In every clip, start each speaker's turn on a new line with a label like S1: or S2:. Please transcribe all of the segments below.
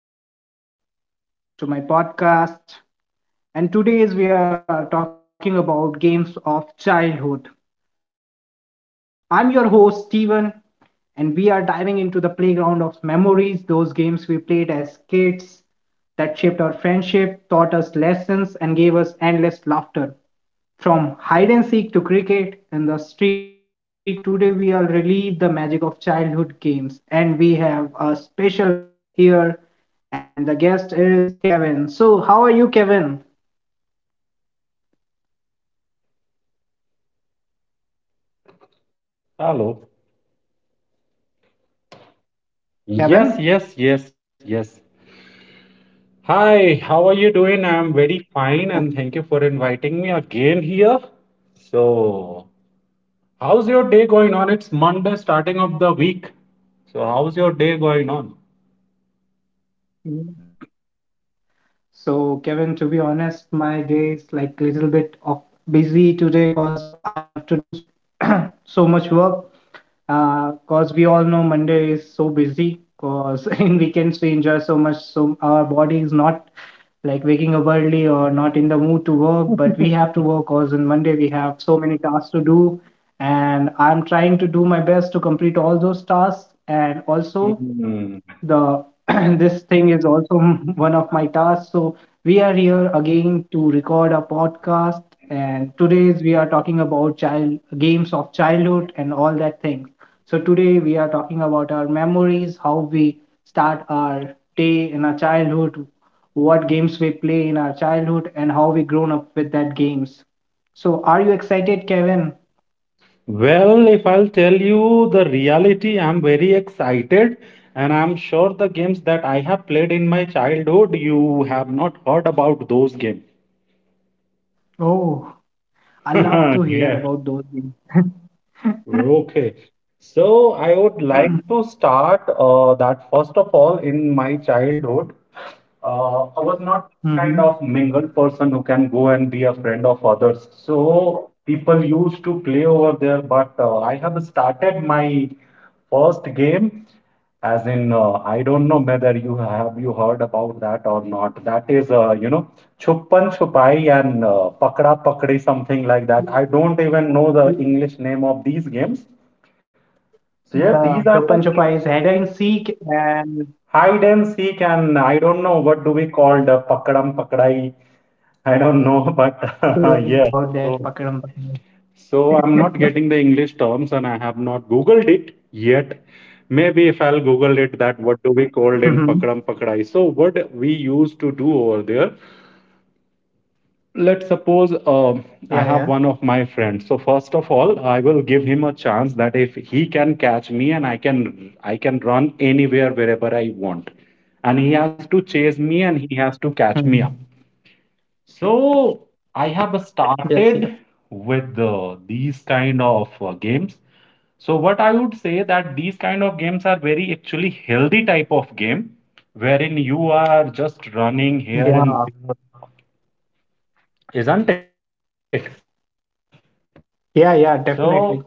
S1: Everyone. Hello, and welcome to my podcast. And today is we are talking about games of childhood. I'm your host Steven and we are diving into the playground of memories, those games we played as kids that shaped our friendship, taught us lessons and gave us endless laughter. From hide and seek to cricket in the street, today we will relive the magic of childhood games. And we have a special guest here, and the guest is Kevin. So, how are you, Kevin?
S2: Hello. Yes,
S1: Kevin?
S2: yes, yes, yes. Hi, how are you doing? I'm very fine and thank
S1: Okay.
S2: you for inviting me again here. So, how's your day going on? It's Monday, starting of the week. So, how's your day going on?
S1: Mhm. So, Kevin, to be honest, my day is like a little bit of busy today because I have to do so much work. Because we all know Monday is so busy. Because in weekends we enjoy so much, so our body is not waking up early or not in the mood to work. But we have to work because on Monday we have so many tasks to do, and I'm trying to do my best to complete all those tasks. And also,
S2: Hmm.
S1: the this thing is also one of my tasks, so we are here again to record a podcast. And today's we are talking about child games of childhood and all that things. So today we are talking about our memories, how we start our day in our childhood, what games we play in our childhood, and how we grown up with that games. So are you excited, Kevin?
S2: Well, if I'll tell you the reality, I'm very excited, and I'm sure the games that I have played in my childhood, you have not heard about those games.
S1: Oh, I love to
S2: Yeah.
S1: hear about those games.
S2: Okay. So I would like to start that first of all, in my childhood, I was not kind of mingled
S1: Mhm.
S2: person who can go and be a friend of others. So people used to play over there, but I have started my first game. As in, I don't know whether you have you heard about that or not. That is, Chupan Chupai and Pakda Pakdi, something like that. I don't even know the English name of these games. So yeah, these are
S1: The
S2: the
S1: Chupan
S2: games.
S1: Chupa is hide and seek, and
S2: Hide and seek, and I don't know what do
S1: I,
S2: we call the Pakadam Pakdai. I
S1: yeah, yeah,
S2: don't
S1: I
S2: know, but
S1: also don't know about
S2: yeah.
S1: that Pakadam
S2: So
S1: Pakadam.
S2: So I'm not getting the English terms and I have not Googled it yet. Maybe if I'll Google it, that what do we called in
S1: Hmm.
S2: Pakadam Pakadai? So what we used to do over there, let's suppose
S1: Yeah,
S2: I
S1: yeah.
S2: have one of my friends. So first of all, I will give him a chance that if he can catch me and I can run anywhere wherever I want. And he has to chase me and he has to catch me up.
S1: Hmm.
S2: So I have
S1: Yes, yes.
S2: started with these kind of games. So what I would say that these kind of games are very actually healthy type of game wherein you are just running here
S1: Yeah,
S2: and there, isn't it? So.
S1: yeah, yeah, definitely.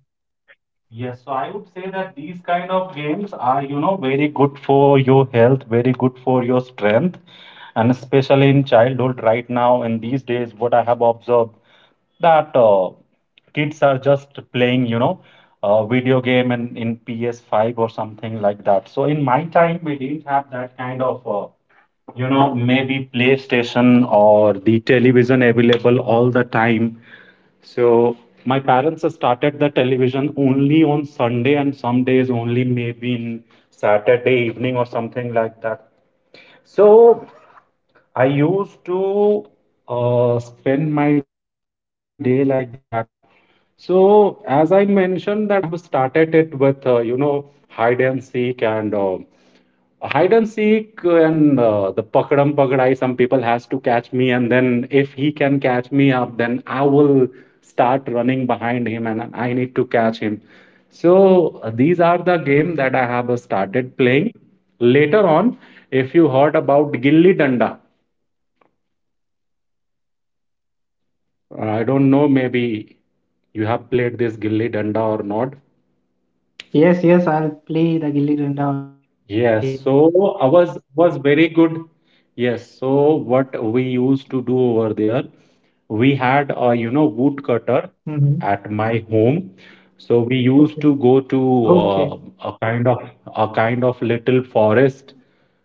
S2: Yes, so I would say that these kind of games are, very good for your health, very good for your strength, and especially in childhood right now in these days, what I have observed that kids are just playing, video game in PS5 or something like that. So in my time, we didn't have that kind of, maybe PlayStation or the television available all the time. So my parents started the television only on Sunday and some days only maybe in Saturday evening or something like that. So I used to spend my day like that. So as I mentioned that I have started it with hide and seek and the pakadam pakadai. Some people has to catch me and then if he can catch me up then I will start running behind him and I need to catch him. So these are the
S1: Hmm.
S2: game that I have started playing later on. If you heard about gilli danda, I don't know, maybe you have played this gilli danda or not.
S1: Yes, yes, I'll play the Gilli Danda
S2: Yes,
S1: game.
S2: so ours was very good. Yes, so what we used to do over there, we had a you know wood cutter
S1: Hmm.
S2: at my home. So we used
S1: Okay,
S2: to go to
S1: okay.
S2: a kind of a kind of little forest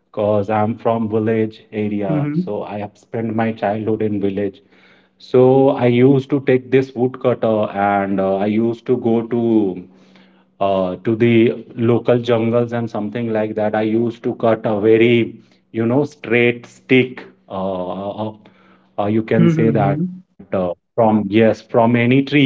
S2: because I'm from village area.
S1: Hmm.
S2: So I have spent my childhood in village. So I used to take this woodcutter and I used to go to to the local jungles and something like that. I used to cut a very, straight stick. Uh, uh, you can say that
S1: Hmm.
S2: from, yes, from any tree,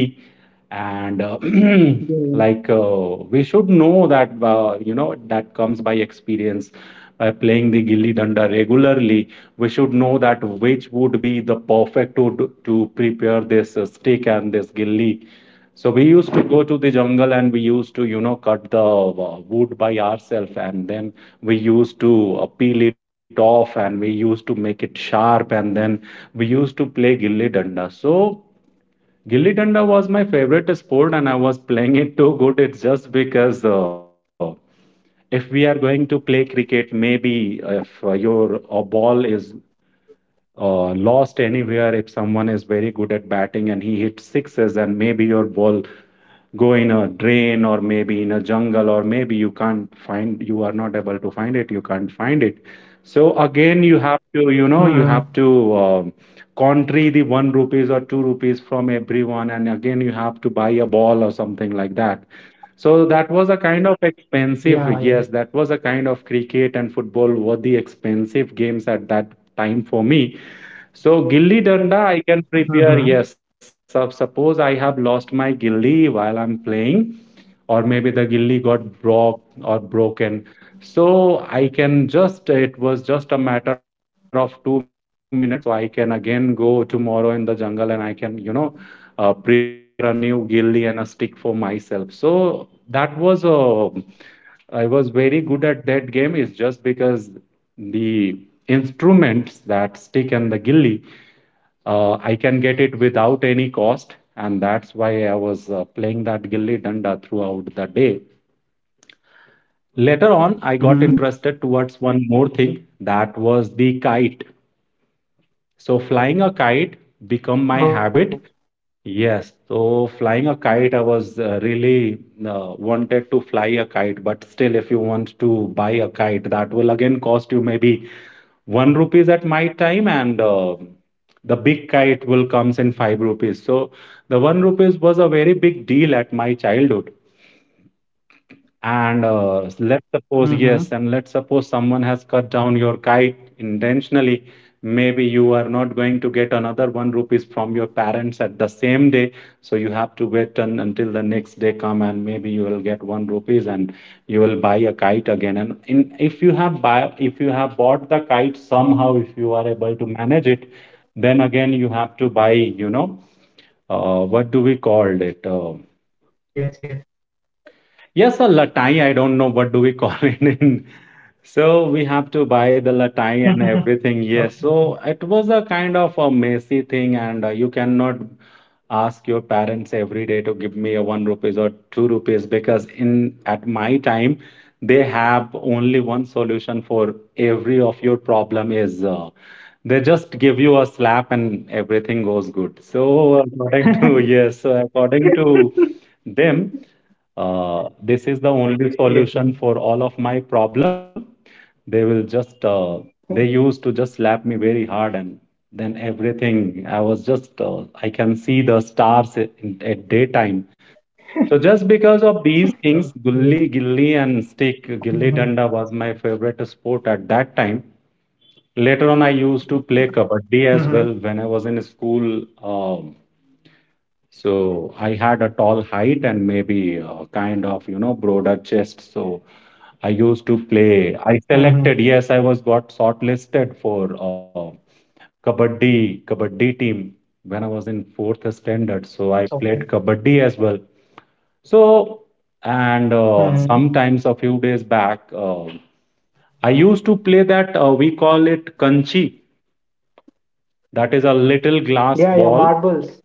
S2: and
S1: Yeah.
S2: like we should know that that comes by experience by playing the gilli danda regularly. We should know that which would be the perfect to prepare this stick and this gilli. So we used to go to the jungle and we used to cut the wood by ourselves, and then we used to peel it off and we used to make it sharp, and then we used to play gilli danda. So gilli danda was my favorite sport and I was playing it too good. It's just because if we are going to play cricket, maybe if your ball is lost anywhere, if someone is very good at batting and he hits sixes and maybe your ball go in a drain or maybe in a jungle or maybe you can't find you are not able to find it. You can't find it. So again you have to
S1: Hmm.
S2: country the 1 rupees or 2 rupees from everyone, and again you have to buy a ball or something like that. So that was a kind of expensive.
S1: Yeah, yeah.
S2: Yes, that was a kind of. Cricket and football were the expensive games at that time for me. So gilli danda I can prepare,
S1: Hmm.
S2: yes. So suppose I have lost my gilli while I'm playing, or maybe the gilli got broke or broken. So it was just a matter of 2 minutes. So I can again go tomorrow in the jungle and I can, prepare a new gilli and a stick for myself. So that was a I was very good at that game is just because the instruments, that stick and the gilli, I can get it without any cost, and that's why I was playing that gilli danda throughout the day. Later
S1: Hmm.
S2: on, I got interested towards one more thing that was the kite. So flying a kite
S1: Oh.
S2: become my habit. Yes, so flying a kite, I was really wanted to fly a kite, but still, if you want to buy a kite, that will again cost you maybe 1 rupees at my time, and the big kite will comes in 5 rupees. So the 1 rupees was a very big deal at my childhood. And let's suppose,
S1: Hmm.
S2: yes, and let's suppose someone has cut down your kite intentionally. Maybe you are not going to get another 1 rupees from your parents at the same day. So you have to wait un until the next day come, and maybe you will get 1 rupees and you will buy a kite again. And if if you have bought the kite somehow, if you are able to manage it, then again you have to buy, you know, what do we call it?
S1: Yes, yes.
S2: Yes, a latai. I don't know what do we call it in, so we have to buy the latai and
S1: Okay.
S2: everything. Yes. So it was a kind of a messy thing, and you cannot ask your parents every day to give me a 1 rupees or two rupees because in at my time they have only one solution for every of your problem is they just give you a slap and everything goes good. So according to Yes, so according to them, this is the only solution for
S1: Yes,
S2: all
S1: yes.
S2: of my problem. they will just uh, they used to just slap me very hard, and then everything, I was just, I can see the stars at daytime. So just because of these things, gully gilly
S1: Okay.
S2: and stick, gilly danda was my
S1: Mhm.
S2: favorite sport at that time. Later on, I used to play kabaddi as
S1: Mhm.
S2: well when I was in school. So I had a tall height and maybe a kind of, broader chest. So I used to play. I selected,
S1: Mhm.
S2: yes, I was got shortlisted for kabaddi, team when I was in fourth standard. So I played
S1: Okay.
S2: kabaddi as well. So, and sometimes
S1: Mhm.
S2: a few days back, I used to play that, we call it kanchi. That is a little glass
S1: Yeah, yeah,
S2: ball.
S1: marbles.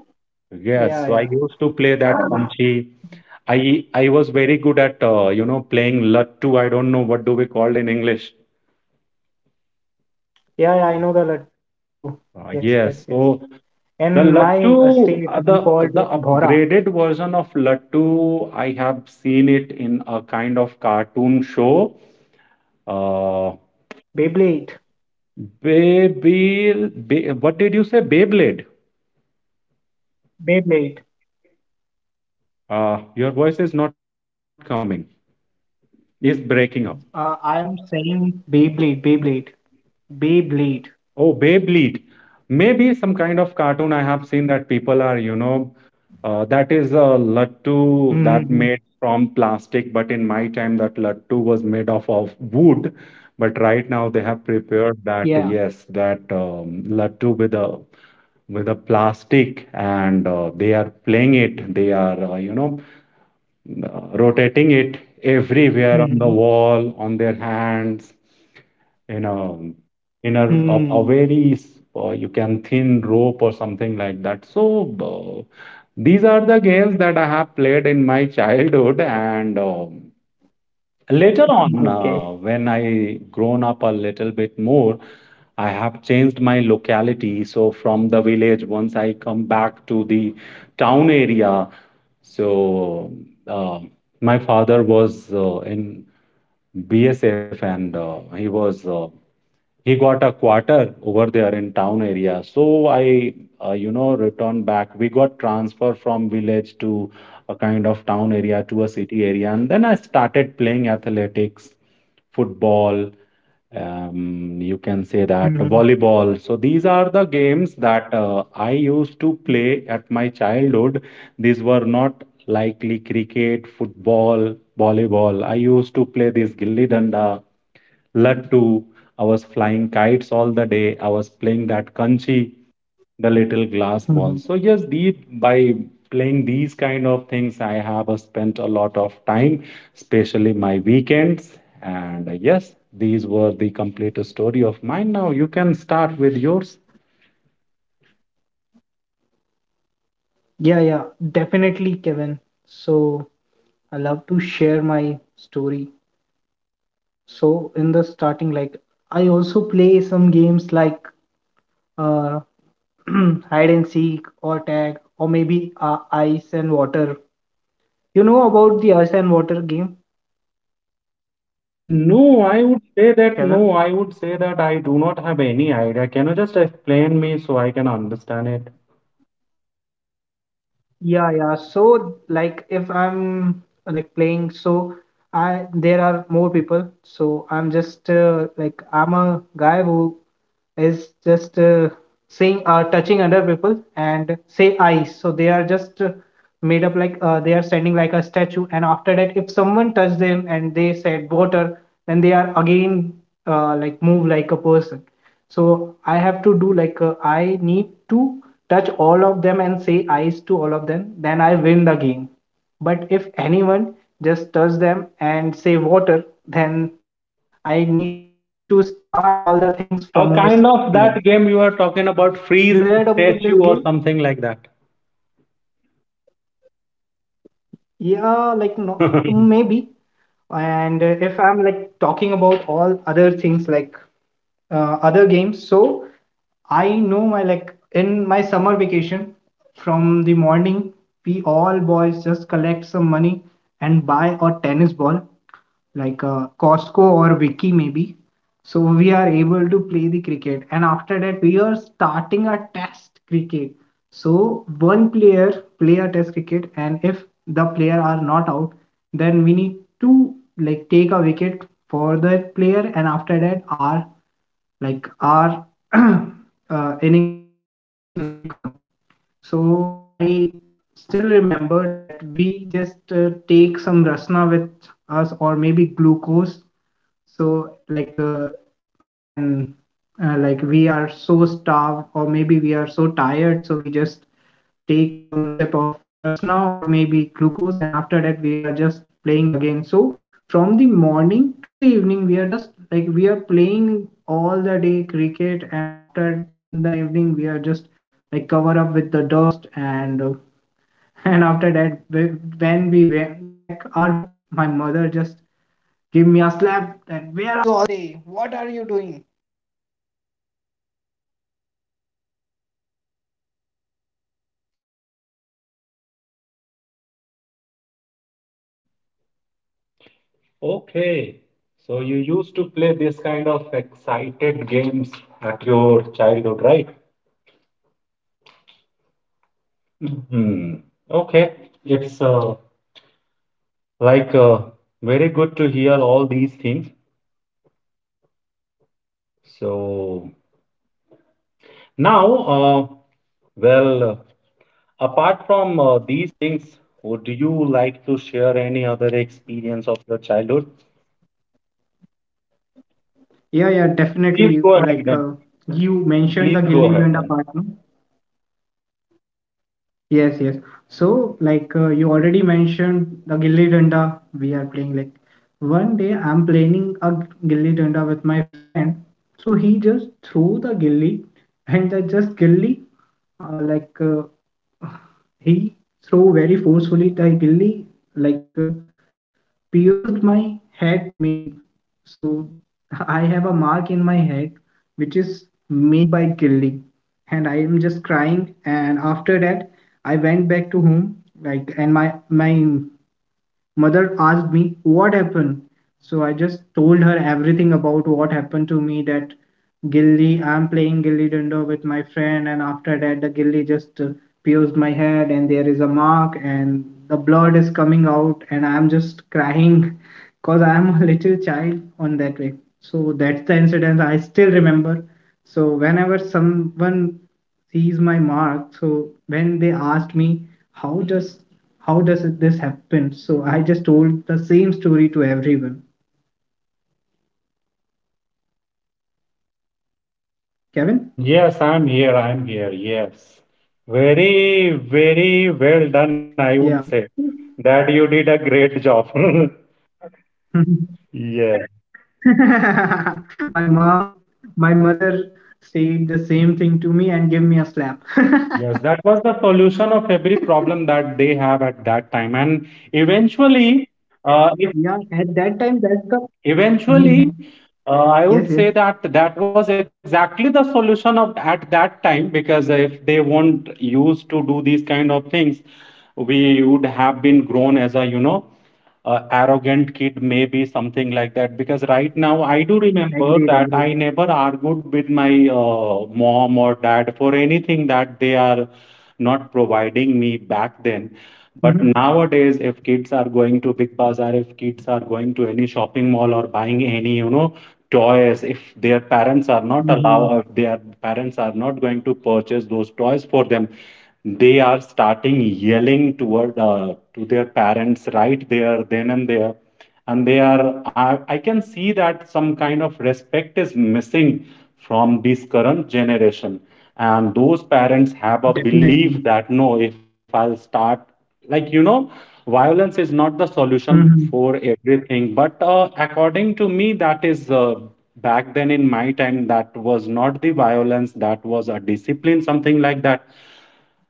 S2: Yes, so I used
S1: Yeah,
S2: to
S1: yeah.
S2: play that kanchi. I was very good at playing Lattu. I don't know what do we called in English.
S1: Yeah, yeah, I know the Lattu. Yes, yes, yes.
S2: Yes, so
S1: In
S2: the
S1: my
S2: Lattu,
S1: state, we
S2: uh,
S1: called
S2: the
S1: it
S2: the
S1: Bhora.
S2: upgraded version of Lattu, I have seen it in a kind of cartoon show. Uh,
S1: Beyblade.
S2: Beyblade, what did you say? Beyblade.
S1: Beyblade.
S2: Your voice is not coming. Is breaking up.
S1: I am saying Beyblade, Beyblade. Beyblade.
S2: Oh, Beyblade. Maybe some kind of cartoon I have seen that people are, that is a lattu that
S1: Mm-hmm.
S2: made from plastic, but in my time that lattu was made of wood. But right now they have prepared that,
S1: Yeah.
S2: yes, that lattu with a plastic, and they are playing it. They are, rotating it everywhere on
S1: Mm-hmm.
S2: the wall, on their hands in a in a
S1: Hmm.
S2: very you can thin rope or something like that. So these are the games that I have played in my childhood, and later on,
S1: Okay.
S2: when I grown up a little bit more, I have changed my locality. So from the village, once I come back to the town area, so uh, my father was in BSF and he got a quarter over there in town area. So I returned back. We got transfer from village to a kind of town area to a city area, and then I started playing athletics football, you
S1: Mm-hmm.
S2: can say that volleyball. So these are the games that I used to play at my childhood. These were not likely cricket, football, volleyball. I used to play this gilli danda. Lattu, I was flying kites all the day. I was playing that kanchi, the little glass
S1: Mm-hmm.
S2: ball. So yes, the by playing these kind of things, I have spent a lot of time, especially my weekends. And yes, these were the complete story of mine. Now you can start with yours.
S1: Yeah, yeah, definitely, Kevin. So I love to share my story. So in the starting, like I also play some games like uh, hide and seek or tag or maybe ice and water. You know about the ice and water game,
S2: No, I would say that no,
S1: Kevin?
S2: I would say that I do not have any idea. Can you just explain me so I can understand it?
S1: Yeah, yeah. So like if I'm like playing, so I there are more people. So I'm just like I'm a guy who uh, saying touching other people and say I. So they are just made up like they are standing like a statue. And after that, if someone touch them and they said water, then they are again like move like a person. So I have to do like I need to touch all of them and say eyes to all of them. Then I win the game. But if anyone just touch them and say water, then I need to start all the things from this beginning.
S2: A kind of that game you are
S1: You heard
S2: talking
S1: about
S2: about,
S1: this game?
S2: freeze and statue or something like that.
S1: Yeah, like no, maybe. And if I'm like talking about all other things like other games, so I know my like in my summer vacation from the morning, we all boys collect some money and buy a tennis ball like Costco or Wiki maybe. So we are able to play the cricket, and after that we are starting a test cricket. So one player play a test cricket, and if the player are not out, then we need to like take a wicket for the player, and after that our uh, innings will become. So I still remember that we just take some rasna with us or maybe glucose. So like when like we are so starved or maybe we are so tired, so we just take some sip of rasna or maybe glucose, and after that we are just playing again. So from the morning to the evening we are just like we are playing all the day cricket, and after in the evening we are just like cover up with the dust and and after that when we went back our home, my mother just gave me a slap that where.
S2: Okay, so you used to play this kind of excited games at your childhood, right? Hmm. Okay, it's like very good to hear all these things. So now, uh, well, apart from these things, would you like to share any other experience of your childhood?
S1: Yeah, yeah,
S2: Please go ahead.
S1: definitely. Like
S2: Please
S1: you
S2: go ahead
S1: mentioned the
S2: then.
S1: Gilli Danda part, no? Yes, yes. So, like you already mentioned the Gilli Danda we are playing. Like one day I'm playing a Gilli Danda with my friend. So he just threw the Gilli and the just Gilli like he threw very forcefully, like really, like pierced my head, maybe. So I have a mark in my head, which is made by killing, and I am just crying. And after that, I went back to home, like, and my mother asked me what happened. So I just told her everything about what happened to me, that gilly, I'm playing gilly danda with my friend, and after that the gilly just pierced my head, and there is a mark and the blood is coming out and I'm just crying. Because I'm a little child on that way. So that's the incident I still remember. So whenever someone sees my mark, so when they asked me how does how does this happen? So I just told the same story to everyone.
S2: Yes, I'm here.
S1: Kevin?
S2: I'm here. Yes. Very, very well done, I would say
S1: Yeah.
S2: that you did a great job. Yes.
S1: my mom, my mother said the same thing to me and gave me a slap.
S2: Yes, that was the solution of every problem that they have at that time. And eventually, if
S1: Yeah, at that time, that's the.
S2: Eventually,
S1: Mhm.
S2: I would say
S1: Yes,
S2: that
S1: yes.
S2: that was exactly the solution of at that time because if they won't used to do these kind of things, we would have been grown as a arrogant kid, maybe something like that. Because right now, I do remember that I
S1: Agreed,
S2: never
S1: agreed.
S2: argued with my mom or dad for anything that they are not providing me back then. But nowadays, if
S1: Mhm.
S2: kids are going to big bazaar, if kids are going to any shopping mall or buying any toys, if their parents are not allow, if their parents are
S1: Mhm.
S2: not going to purchase those toys for them, they are starting yelling toward to their parents right there, then and there, and they are I can see that some kind of respect is missing from this current generation, and those parents have a belief that, no, if I'll start,
S1: Definitely.
S2: like, violence is not the solution for everything. But
S1: Mhm.
S2: according to me, that is, back then in my time, that was not the violence, that was a discipline, something like that.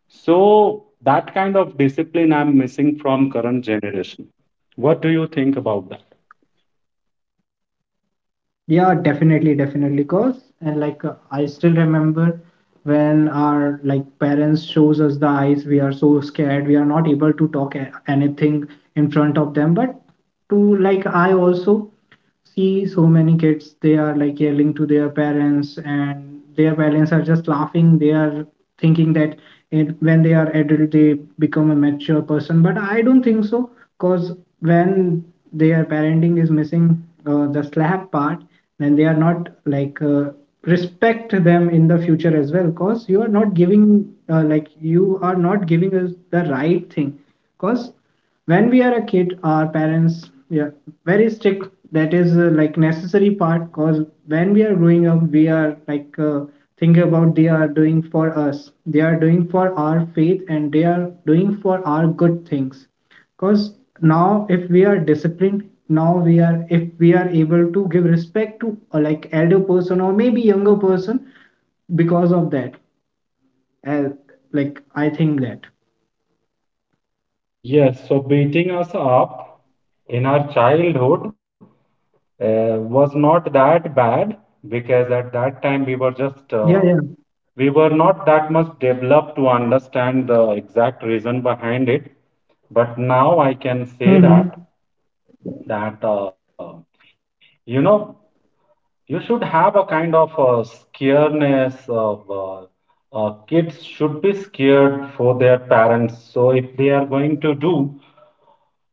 S2: So that kind of discipline I'm missing from current generation. What do you think about that?
S1: Yeah, definitely, definitely. Because, and like, I still remember when our like parents shows us the eyes we are so scared we are not able to talk anything in front of them, but to like I also see so many kids they are like yelling to their parents and their parents are just laughing, they are thinking that it, when they are adult they become a mature person, but I don't think so. Because when their parenting is missing, the slap part, and they are not like respect them in the future as well, because you are not giving, like you are not giving us the right thing. Because when we are a kid our parents yeah very strict, that is like necessary part. Because when we are growing up we are like think about they are doing for us, they are doing for our faith and they are doing for our good things. Because now if we are disciplined, now we are, if we are able to give respect to like elder person or maybe younger person, because of that uh, like I think that,
S2: Yes, so beating us up in our childhood was not that bad, because at that time we were
S1: yeah, yeah.
S2: not that much developed to understand the exact reason behind it. But now I can say that,
S1: Mm-hmm.
S2: that, uh, you know, you should have a kind of scareness of, kids should be scared for their parents. So if they are going to do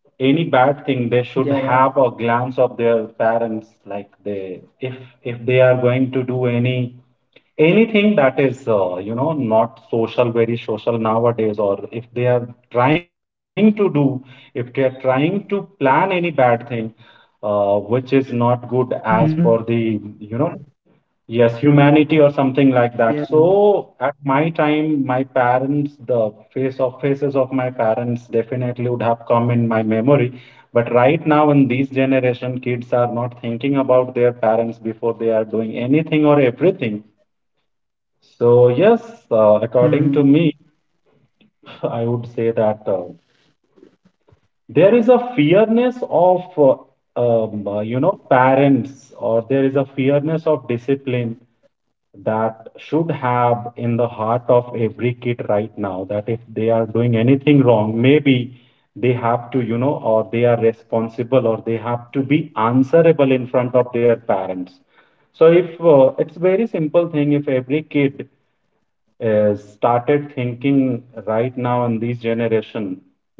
S2: any bad thing, they should have a
S1: Yeah,
S2: glance
S1: yeah.
S2: of their parents, like, they, if they are going to do anything that is, not social, very social nowadays, or if they are trying to plan any bad thing, which is not good as per the,
S1: Mm-hmm.
S2: yes, humanity or something like that.
S1: Yes.
S2: So at my time, my parents, the faces of my parents definitely would have come in my memory. But right now, in these generation, kids are not thinking about their parents before they are doing anything or everything. So yes, according to
S1: Mm-hmm.
S2: me, I would say that there is a fearness of, parents, or there is a fearness of discipline that should have in the heart of every kid right now, that if they are doing anything wrong, maybe they have to, or they are responsible, or they have to be answerable in front of their parents. So if it's very simple thing, if every kid started thinking right now in this generation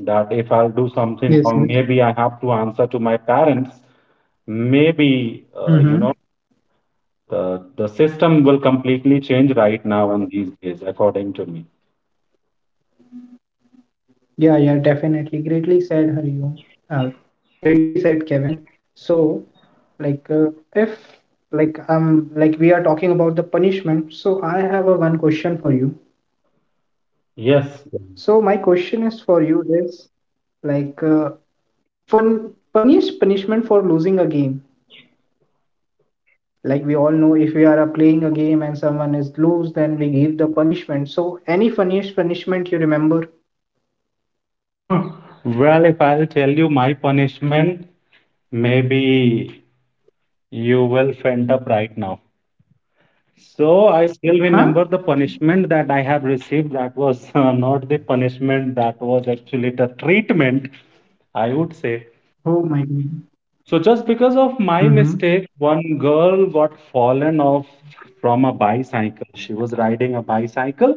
S2: that if I'll do something wrong, maybe I have to
S1: Yes,
S2: answer to
S1: yes.
S2: my parents, maybe,
S1: Mm-hmm.
S2: the system will completely change right now and these days, according to me.
S1: Yeah, yeah, definitely, greatly said Hariom. Greatly said Kevin. So like if like like we are talking about the punishment, so I have a one question for you.
S2: Yes.
S1: So my question is for you is like funniest punishment for losing a game. Like we all know, if we are playing a game and someone is lose, then we give the punishment. So any funniest punishment you remember?
S2: Well, if I'll tell you my punishment, maybe you will fend up right now. So I still remember the
S1: Huh?
S2: punishment that I have received. That was, not the punishment, that was actually the treatment, I would say.
S1: Oh my
S2: So
S1: god.
S2: just because of my mistake,
S1: Mm-hmm.
S2: one girl got fallen off from a bicycle. She was riding a bicycle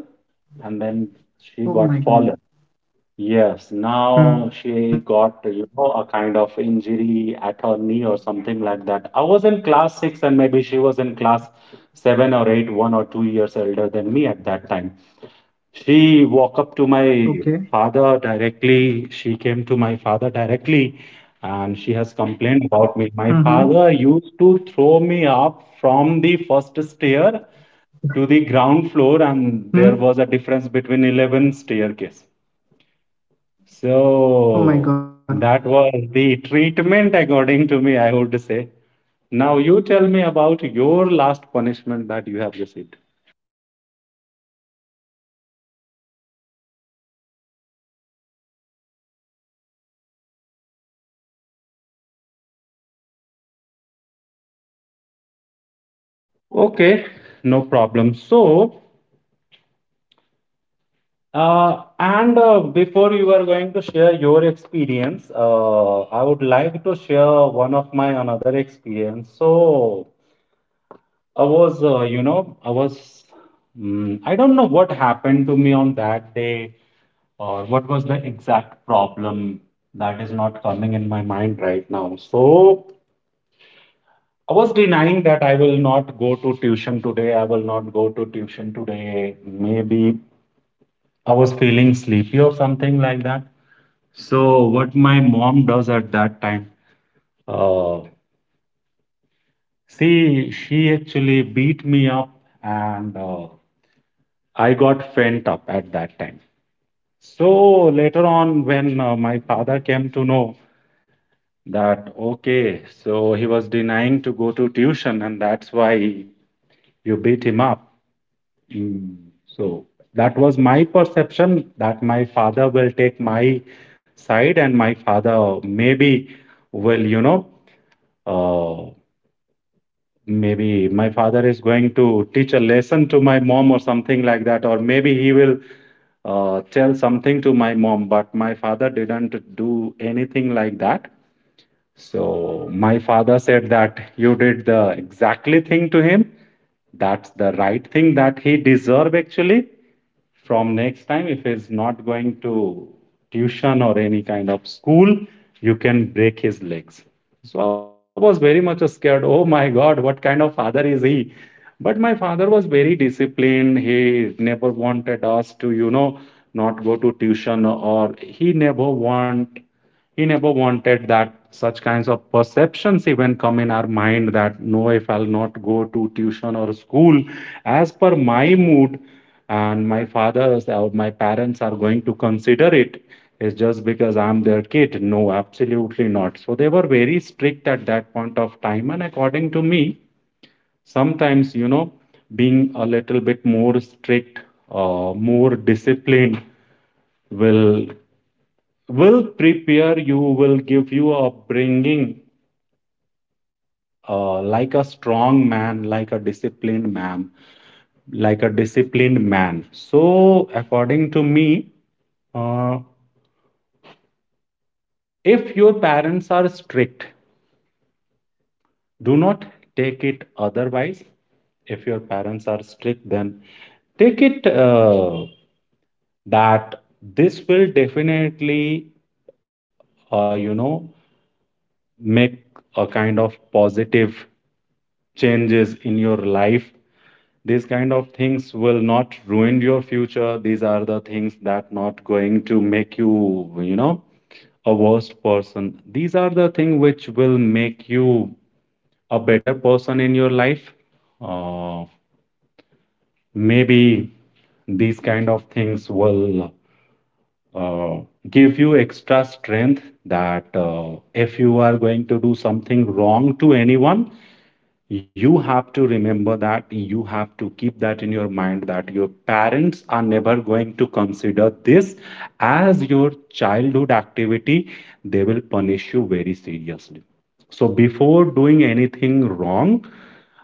S2: and then she got fallen.
S1: Oh my god.
S2: Yes, now she got,
S1: Mm-hmm.
S2: you know, a kind of injury at her knee or something like that. I was in class six and maybe she was in class seven or eight, 1 or 2 years older than me at that time. She walked up to my
S1: Okay.
S2: father directly. She came to my father directly and she has complained about me. My father
S1: Mm-hmm.
S2: used to throw me up from the first stair to the ground floor, and there was a
S1: Hmm.
S2: difference between 11 staircase. So
S1: Oh my
S2: that
S1: god.
S2: was the treatment, according to me, I would say. Now you tell me about your last punishment that you have received.
S1: Okay.
S2: Okay, no problem. So, and before you are going to share your experience, I would like to share one of my another experience. So I was, you know, I was, mm, I don't know what happened to me on that day, or what was the exact problem, that is not coming in my mind right now. So I was denying that I will not go to tuition today. I will not go to tuition today. Maybe I was feeling sleepy or something like that. So what my mom does at that time, uh, see, she actually beat me up, and I got fent up at that time. So later on, when my father came to know that, okay, so he was denying to go to tuition and that's why you beat him up. Mm, So that was my perception, that my father will take my side, and my father maybe will, uh, maybe my father is going to teach a lesson to my mom or something like that, or maybe he will tell something to my mom. But my father didn't do anything like that. So my father said that you did the exactly thing to him. That's the right thing that he deserve, actually. From next time, if he's not going to tuition or any kind of school, you can break his legs. So I was very much scared. Oh my God, what kind of father is he? But my father was very disciplined. He never wanted us to, not go to tuition, or he never wanted that such kinds of perceptions even come in our mind, that no, if I'll not go to tuition or school as per my mood, and my fathers or my parents are going to consider it is just because I'm their kid, no, absolutely not. So they were very strict at that point of time. And according to me, sometimes, being a little bit more strict, more disciplined, will prepare you, will give you a bringing, like a strong man, like a disciplined man, so, according to me, uh, if your parents are strict, do not take it otherwise. If your parents are strict, then take it, that this will definitely, uh, you know make a kind of positive changes in your life. These kind of things will not ruin your future. These are the things that not going to make you you know a worse person. These are the things which will make you a better person in your life. uh, Maybe these kind of things will uh, give you extra strength, that if you are going to do something wrong to anyone, you have to remember that, you have to keep that in your mind, that your parents are never going to consider this as your childhood activity. They will punish you very seriously. So before doing anything wrong,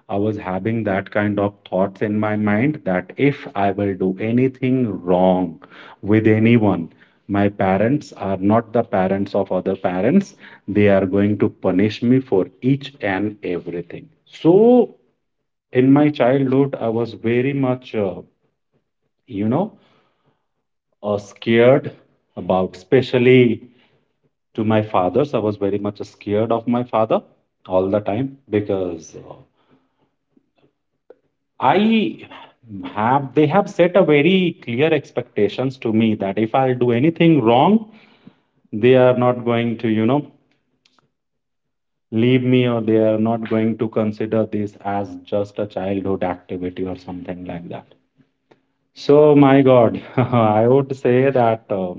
S2: I was having that kind of thoughts in my mind that if I will do anything wrong with anyone, my parents are not the parents of other parents. They are going to punish me for each and everything. So in my childhood, I was very much, you know, scared about, especially to my fathers. I was very much scared of my father all the time, because I they have set a very clear expectations to me that if I'll do anything wrong, they are not going to, leave me, or they are not going to consider this as just a childhood activity or something like that. So, my God, I would say that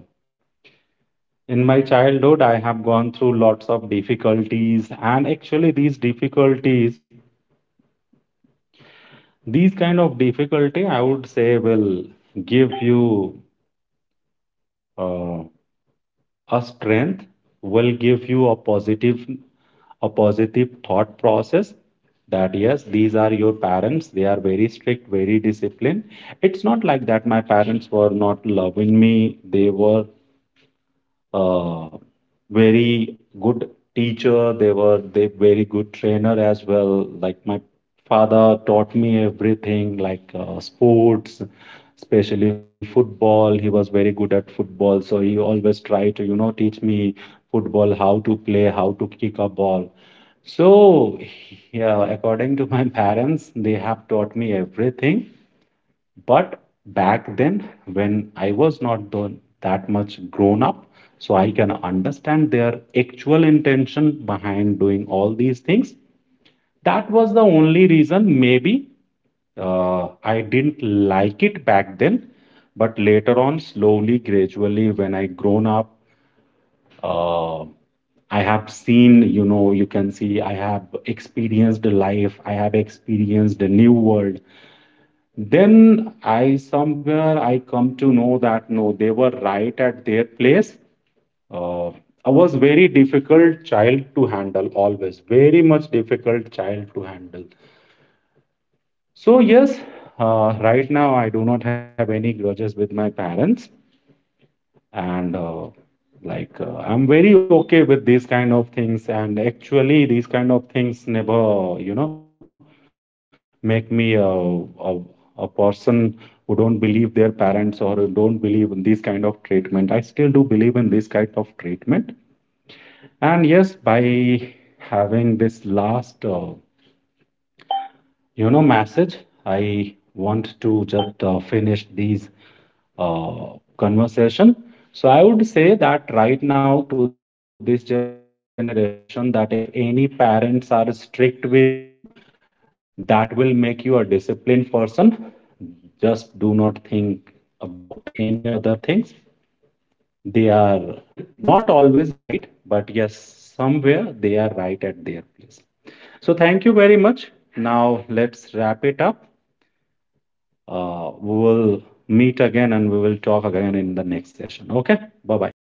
S2: in my childhood, I have gone through lots of difficulties. And actually, these difficulties, these kind of difficulty, I would say, will give you, Uh, a strength, will give you a positive, thought process, that yes, these are your parents, they are very strict, very disciplined. It's not like that my parents were not loving me. They were, uh, very good teacher. They were they very good trainer as well. Like my father taught me everything, like sports, especially football. He was very good at football, so he always tried to, teach me football, how to play, how to kick a ball. So yeah, according to my parents, they have taught me everything. But back then, when I was not that much grown up, so I can understand their actual intention behind doing all these things. That was the only reason, maybe, I didn't like it back then. But later on, slowly, gradually, when I grown up, uh, I have seen, you can see, I have experienced life, I have experienced a new world. Then i somewhere I come to know that no, they were right at their place. uh, I was very difficult child to handle, always very much difficult child to handle. So yes, right now I do not have any grudges with my parents, and like, I'm very okay with these kind of things. And actually, these kind of things never, make me a person who don't believe their parents or who don't believe in this kind of treatment. I still do believe in this kind of treatment. And yes, by having this last, message, I want to just finish these, uh, conversation. So I would say that right now, to this generation, that if any parents are strict with you, that will make you a disciplined person. Just do not think about any other things. They are not always right, but yes, somewhere they are right at their place. So thank you very much. Now let's wrap it up. We will meet again and we will talk again in the next session. Okay, bye bye.